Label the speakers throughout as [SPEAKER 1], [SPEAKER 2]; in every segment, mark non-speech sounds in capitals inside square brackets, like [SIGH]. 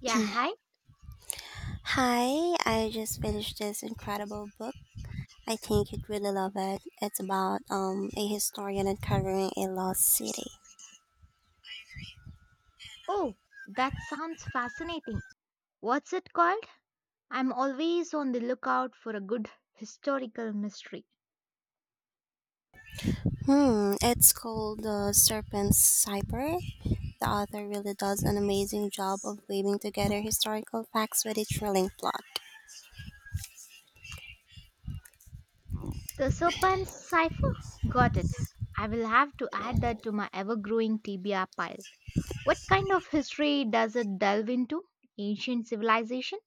[SPEAKER 1] Yeah, hi.
[SPEAKER 2] Hi, I just finished this incredible book. I think you'd really love it. It's about a historian uncovering a lost city.
[SPEAKER 1] Oh, that sounds fascinating. What's it called? I'm always on the lookout for a good historical mystery.
[SPEAKER 2] Hmm, it's called The Serpent's Cypher. The author really does an amazing job of weaving together historical facts with a thrilling plot.
[SPEAKER 1] The Serpent's Cipher? Got it. I will have to add that to my ever growing TBR pile. What kind of history does it delve into? Ancient civilization?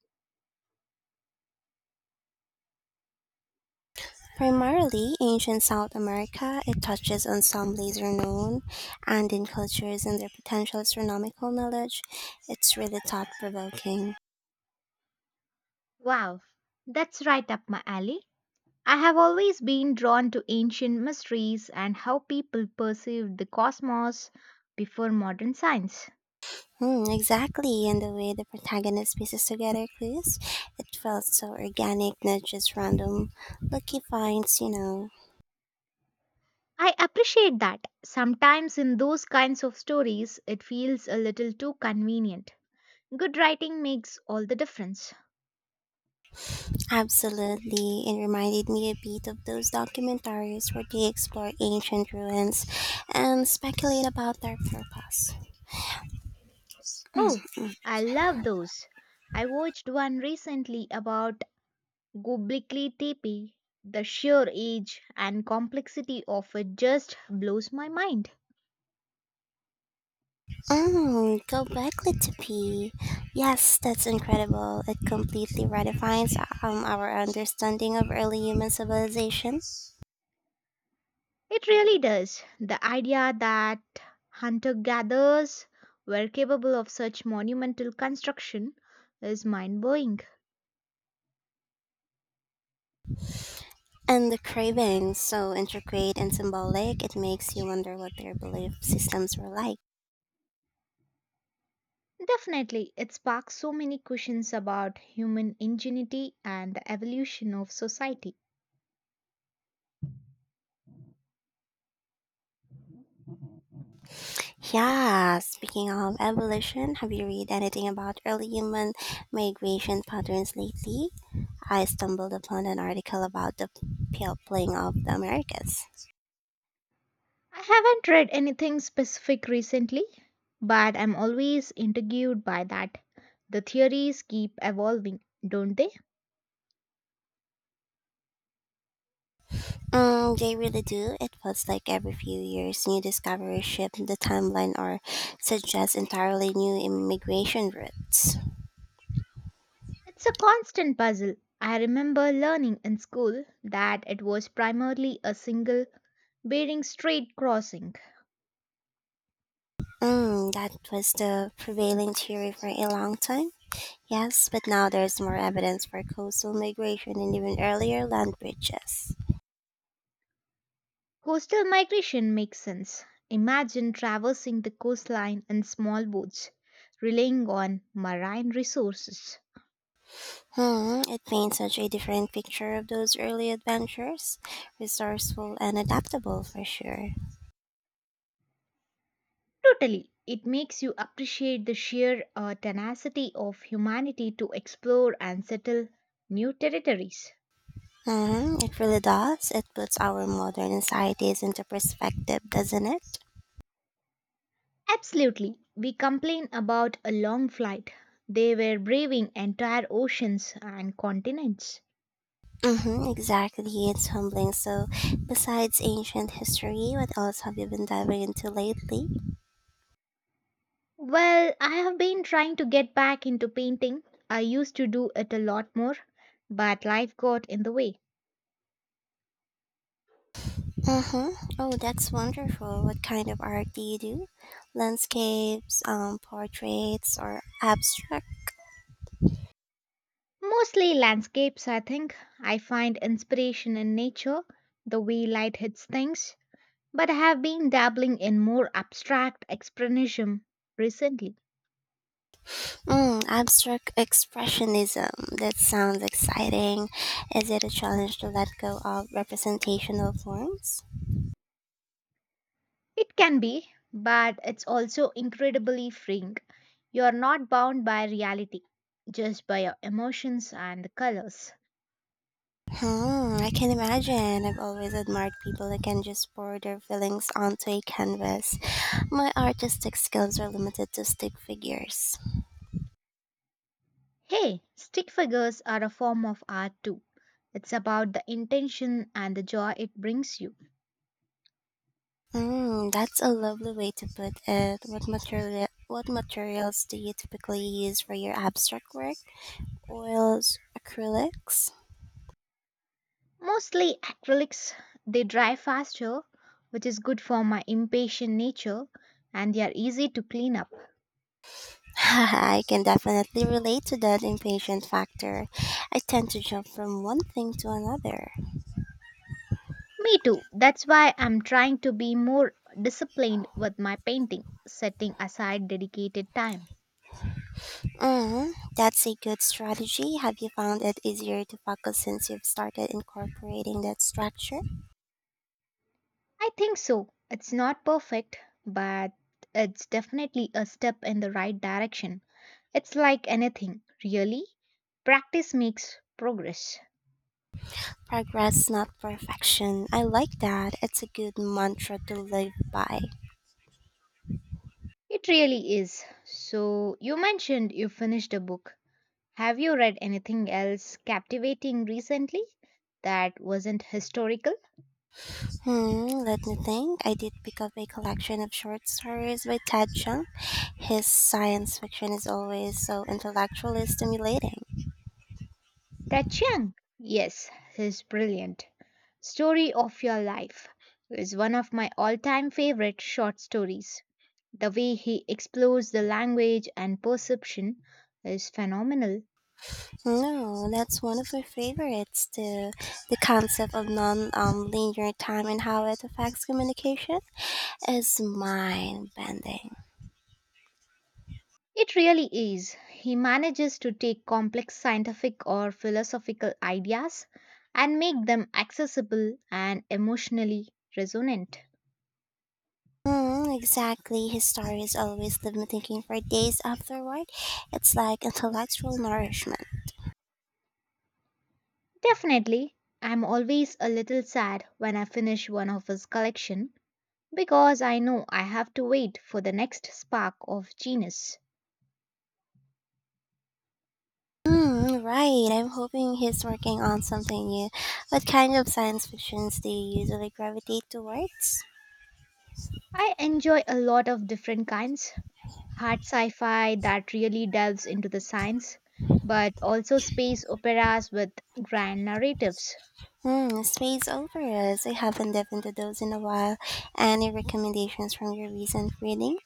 [SPEAKER 2] Primarily ancient South America, it touches on some lesser known Andean cultures and their potential astronomical knowledge. It's really thought provoking.
[SPEAKER 1] Wow, that's right up my alley. I have always been drawn to ancient mysteries and how people perceived the cosmos before modern science.
[SPEAKER 2] Hmm, exactly, and the way the protagonist pieces together clues, it felt so organic, not just random. Lucky finds.
[SPEAKER 1] I appreciate that. Sometimes in those kinds of stories, it feels a little too convenient. Good writing makes all the difference.
[SPEAKER 2] Absolutely, it reminded me a bit of those documentaries where they explore ancient ruins and speculate about their purpose.
[SPEAKER 1] Oh, I love those. I watched one recently about Göbekli Tepe. The sheer age and complexity of it just blows my mind.
[SPEAKER 2] Mm, Gobekli Tepe. Yes, that's incredible. It completely redefines our understanding of early human civilization.
[SPEAKER 1] It really does. The idea that hunter gatherers were capable of such monumental construction is mind blowing.
[SPEAKER 2] And the cravings so intricate and symbolic, it makes you wonder what their belief systems were like.
[SPEAKER 1] Definitely, it sparks so many questions about human ingenuity and the evolution of society.
[SPEAKER 2] Yeah, speaking of evolution, have you read anything about early human migration patterns lately? I stumbled upon an article about the peopling of the Americas.
[SPEAKER 1] I haven't read anything specific recently, but I'm always intrigued by that. The theories keep evolving, don't they?
[SPEAKER 2] Mm, they really do. It feels like every few years, new discoveries shape the timeline or suggest entirely new immigration routes.
[SPEAKER 1] It's a constant puzzle. I remember learning in school that it was primarily a single bearing straight crossing.
[SPEAKER 2] Mm, that was the prevailing theory for a long time. Yes, but now there's more evidence for coastal migration and even earlier land bridges.
[SPEAKER 1] Coastal migration makes sense. Imagine traversing the coastline in small boats, relying on marine resources.
[SPEAKER 2] Hmm, it paints such a different picture of those early adventurers, resourceful and adaptable for sure.
[SPEAKER 1] Totally. It makes you appreciate the sheer tenacity of humanity to explore and settle new territories.
[SPEAKER 2] Hmm, it really does. It puts our modern societies into perspective, doesn't it?
[SPEAKER 1] Absolutely. We complain about a long flight. They were braving entire oceans and continents.
[SPEAKER 2] Mm-hmm, exactly. It's humbling. So, besides ancient history, what else have you been diving into lately?
[SPEAKER 1] Well, I have been trying to get back into painting. I used to do it a lot more, but life got in the way.
[SPEAKER 2] Mm-hmm. Oh, that's wonderful. What kind of art do you do? Landscapes, portraits, or abstract?
[SPEAKER 1] Mostly landscapes, I think. I find inspiration in nature, the way light hits things, but I have been dabbling in more abstract expressionism recently.
[SPEAKER 2] Mm, abstract expressionism. That sounds exciting. Is it a challenge to let go of representational forms?
[SPEAKER 1] It can be, but it's also incredibly freeing. You're not bound by reality, just by your emotions and the colors.
[SPEAKER 2] Hmm, I can imagine. I've always admired people who can just pour their feelings onto a canvas. My artistic skills are limited to stick figures.
[SPEAKER 1] Hey, stick figures are a form of art too. It's about the intention and the joy it brings you.
[SPEAKER 2] Mm, that's a lovely way to put it. What materials do you typically use for your abstract work? Oils, acrylics?
[SPEAKER 1] Mostly acrylics, they dry faster, which is good for my impatient nature, and they are easy to clean up.
[SPEAKER 2] [LAUGHS] I can definitely relate to that impatient factor. I tend to jump from one thing to another.
[SPEAKER 1] Me too. That's why I'm trying to be more disciplined with my painting, setting aside dedicated time.
[SPEAKER 2] Mm, that's a good strategy. Have you found it easier to focus since you've started incorporating that structure?
[SPEAKER 1] I think so. It's not perfect, but it's definitely a step in the right direction. It's like anything, really. Practice makes progress.
[SPEAKER 2] Progress, not perfection. I like that. It's a good mantra to live by.
[SPEAKER 1] It really is. So, you mentioned you finished a book. Have you read anything else captivating recently that wasn't historical?
[SPEAKER 2] Hmm, let me think. I did pick up a collection of short stories by Ted Chiang. His science fiction is always so intellectually stimulating.
[SPEAKER 1] That Chiang, yes, his brilliant Story of Your Life is one of my all time favorite short stories. The way he explores the language and perception is phenomenal.
[SPEAKER 2] No, that's one of my favorites too. The concept of non-linear time and how it affects communication is mind-bending.
[SPEAKER 1] It really is. He manages to take complex scientific or philosophical ideas and make them accessible and emotionally resonant.
[SPEAKER 2] Mm, exactly. His stories always leave me thinking for days afterward. It's like intellectual nourishment.
[SPEAKER 1] Definitely, I'm always a little sad when I finish one of his collection because I know I have to wait for the next spark of genius.
[SPEAKER 2] Mm, right. I'm hoping he's working on something new. What kind of science fictions do you usually gravitate towards?
[SPEAKER 1] I enjoy a lot of different kinds hard sci fi that really delves into the science, but also space operas with grand narratives.
[SPEAKER 2] Hmm, space operas. I haven't dipped into those in a while. Any recommendations from your recent reading?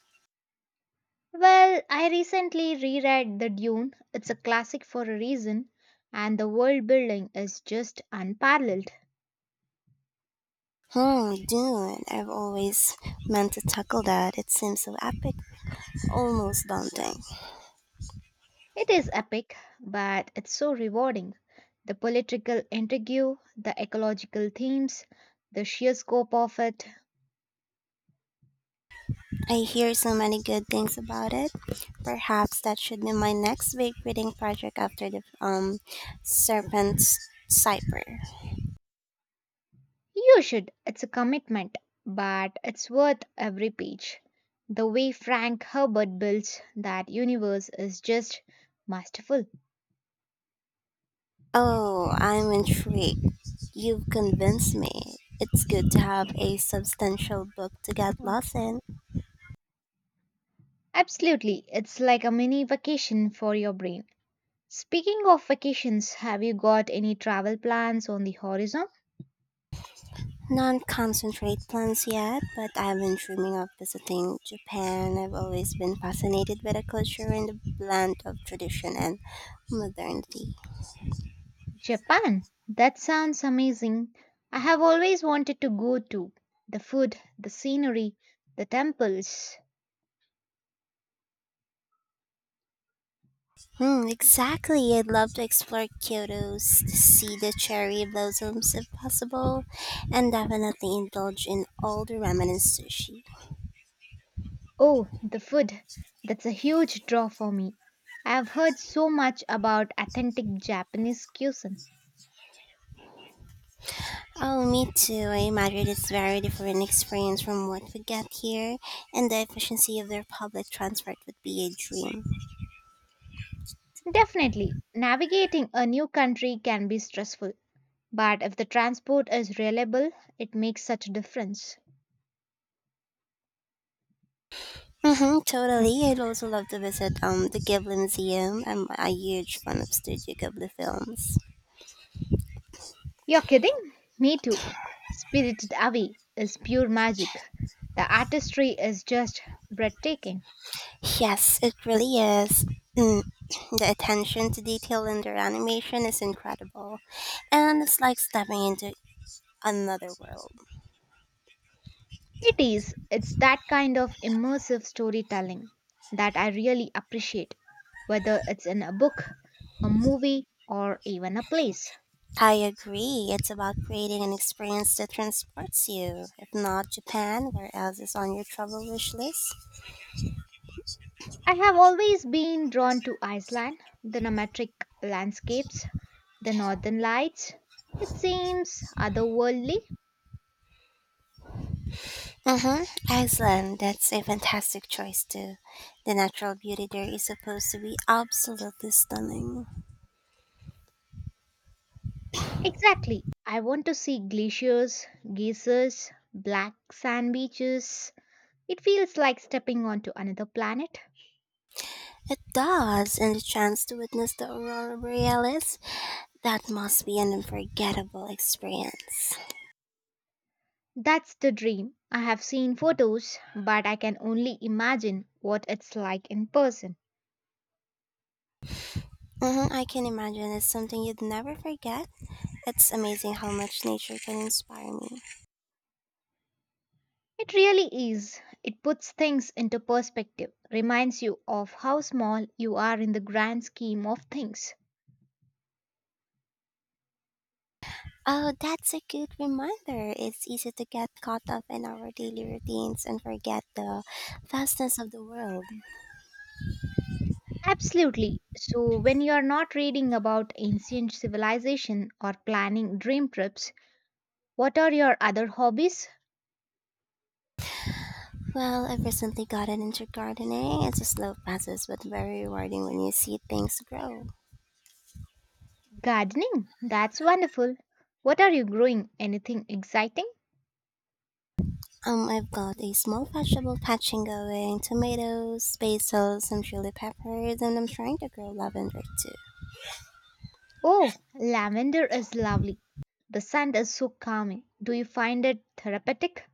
[SPEAKER 1] Well, I recently reread The Dune, it's a classic for a reason, and the world building is just unparalleled.
[SPEAKER 2] Hmm, Dune. I've always meant to tackle that. It seems so epic, almost daunting.
[SPEAKER 1] It is epic, but it's so rewarding. The political intrigue, the ecological themes, the sheer scope of it.
[SPEAKER 2] I hear so many good things about it. Perhaps that should be my next big reading project after the Serpent's Cypher.
[SPEAKER 1] You should. It's a commitment, but it's worth every page. The way Frank Herbert builds that universe is just masterful.
[SPEAKER 2] Oh, I'm intrigued. You've convinced me. It's good to have a substantial book to get
[SPEAKER 1] Mm.
[SPEAKER 2] lost in.
[SPEAKER 1] Absolutely, it's like a mini vacation for your brain. Speaking of vacations, have you got any travel plans on the horizon?
[SPEAKER 2] Non-concentrate plans yet, but I've been dreaming of visiting Japan. I've always been fascinated by the culture and the blend of tradition and modernity.
[SPEAKER 1] Japan. That sounds amazing. I have always wanted to go to. The food, the scenery, the temples.
[SPEAKER 2] Hmm, exactly. I'd love to explore Kyoto, see the cherry blossoms if possible, and definitely indulge in all the ramen and sushi.
[SPEAKER 1] Oh, the food. That's a huge draw for me. I have heard so much about authentic Japanese cuisine.
[SPEAKER 2] Oh, me too. I imagine it's very different experience from what we get here, and the efficiency of their public transport would be a dream.
[SPEAKER 1] Definitely, navigating a new country can be stressful, but if the transport is reliable, it makes such a difference.
[SPEAKER 2] Mm-hmm, totally. I'd also love to visit the Ghibli Museum. I'm a huge fan of Studio Ghibli films.
[SPEAKER 1] You're kidding? Me too. Spirited Away is pure magic. The artistry is just breathtaking.
[SPEAKER 2] Yes, it really is. Mm, [CLEARS THROAT] the attention to detail in their animation is incredible, and it's like stepping into another world.
[SPEAKER 1] It is. It's that kind of immersive storytelling that I really appreciate, whether it's in a book, a movie, or even a place.
[SPEAKER 2] I agree. It's about creating an experience that transports you. If not Japan, where else is on your travel wish list?
[SPEAKER 1] I have always been drawn to Iceland, the nomadic landscapes, the northern lights. It seems otherworldly.
[SPEAKER 2] Mm-hmm. Iceland. That's a fantastic choice too. The natural beauty there is supposed to be absolutely stunning.
[SPEAKER 1] Exactly. I want to see glaciers, geysers, black sand beaches. It feels like stepping onto another planet.
[SPEAKER 2] It does, and the chance to witness the aurora borealis. That must be an unforgettable experience.
[SPEAKER 1] That's the dream. I have seen photos, but I can only imagine what it's like in person.
[SPEAKER 2] Mm-hmm. I can imagine it's something you'd never forget. It's amazing how much nature can inspire me.
[SPEAKER 1] It really is. It puts things into perspective, reminds you of how small you are in the grand scheme of things.
[SPEAKER 2] Oh, that's a good reminder. It's easy to get caught up in our daily routines and forget the vastness of the world.
[SPEAKER 1] Absolutely. So, when you are not reading about ancient civilization or planning dream trips, what are your other hobbies?
[SPEAKER 2] Well, I've recently gotten into gardening. It's a slow process, but very rewarding when you see things grow.
[SPEAKER 1] Gardening. That's wonderful. What are you growing? Anything exciting?
[SPEAKER 2] I've got a small vegetable patching going, tomatoes, basil, some chili peppers, and I'm trying to grow lavender too.
[SPEAKER 1] Oh, lavender is lovely. The scent is so calming. Do you find it therapeutic?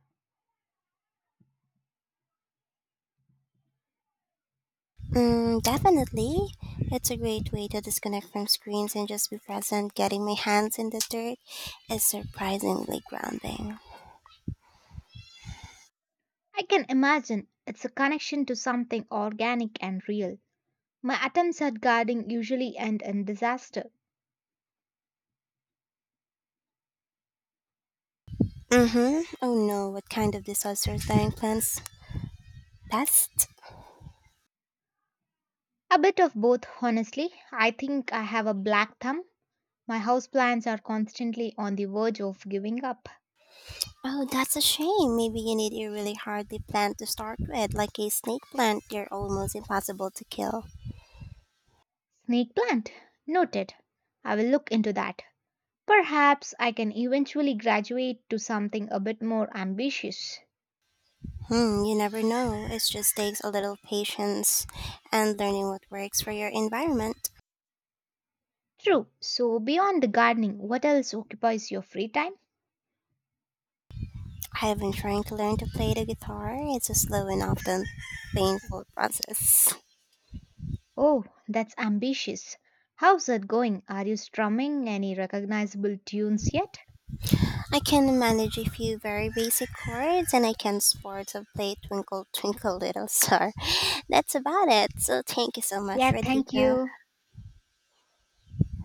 [SPEAKER 2] Mm, definitely. It's a great way to disconnect from screens and just be present. Getting my hands in the dirt is surprisingly grounding.
[SPEAKER 1] I can imagine it's a connection to something organic and real. My attempts at gardening usually end in disaster.
[SPEAKER 2] Mm-hmm. Oh no, what kind of disaster dying plants? Pest?
[SPEAKER 1] A bit of both, honestly. I think I have a black thumb. My houseplants are constantly on the verge of giving up.
[SPEAKER 2] Oh, that's a shame. Maybe you need a really hardy plant to start with, like a snake plant. They're almost impossible to kill.
[SPEAKER 1] Snake plant. Noted. I will look into that. Perhaps I can eventually graduate to something a bit more ambitious.
[SPEAKER 2] Hmm, you never know. It just takes a little patience and learning what works for your environment.
[SPEAKER 1] True. So, beyond the gardening, what else occupies your free time?
[SPEAKER 2] I have been trying to learn to play the guitar. It's a slow and often painful process.
[SPEAKER 1] Oh, that's ambitious. How's that going? Are you strumming any recognizable tunes yet?
[SPEAKER 2] I can manage a few very basic chords and I can sort of play Twinkle Twinkle Little Star. [LAUGHS] That's about it. So thank you so much,
[SPEAKER 1] Yeah, thank
[SPEAKER 2] Radhika.
[SPEAKER 1] you.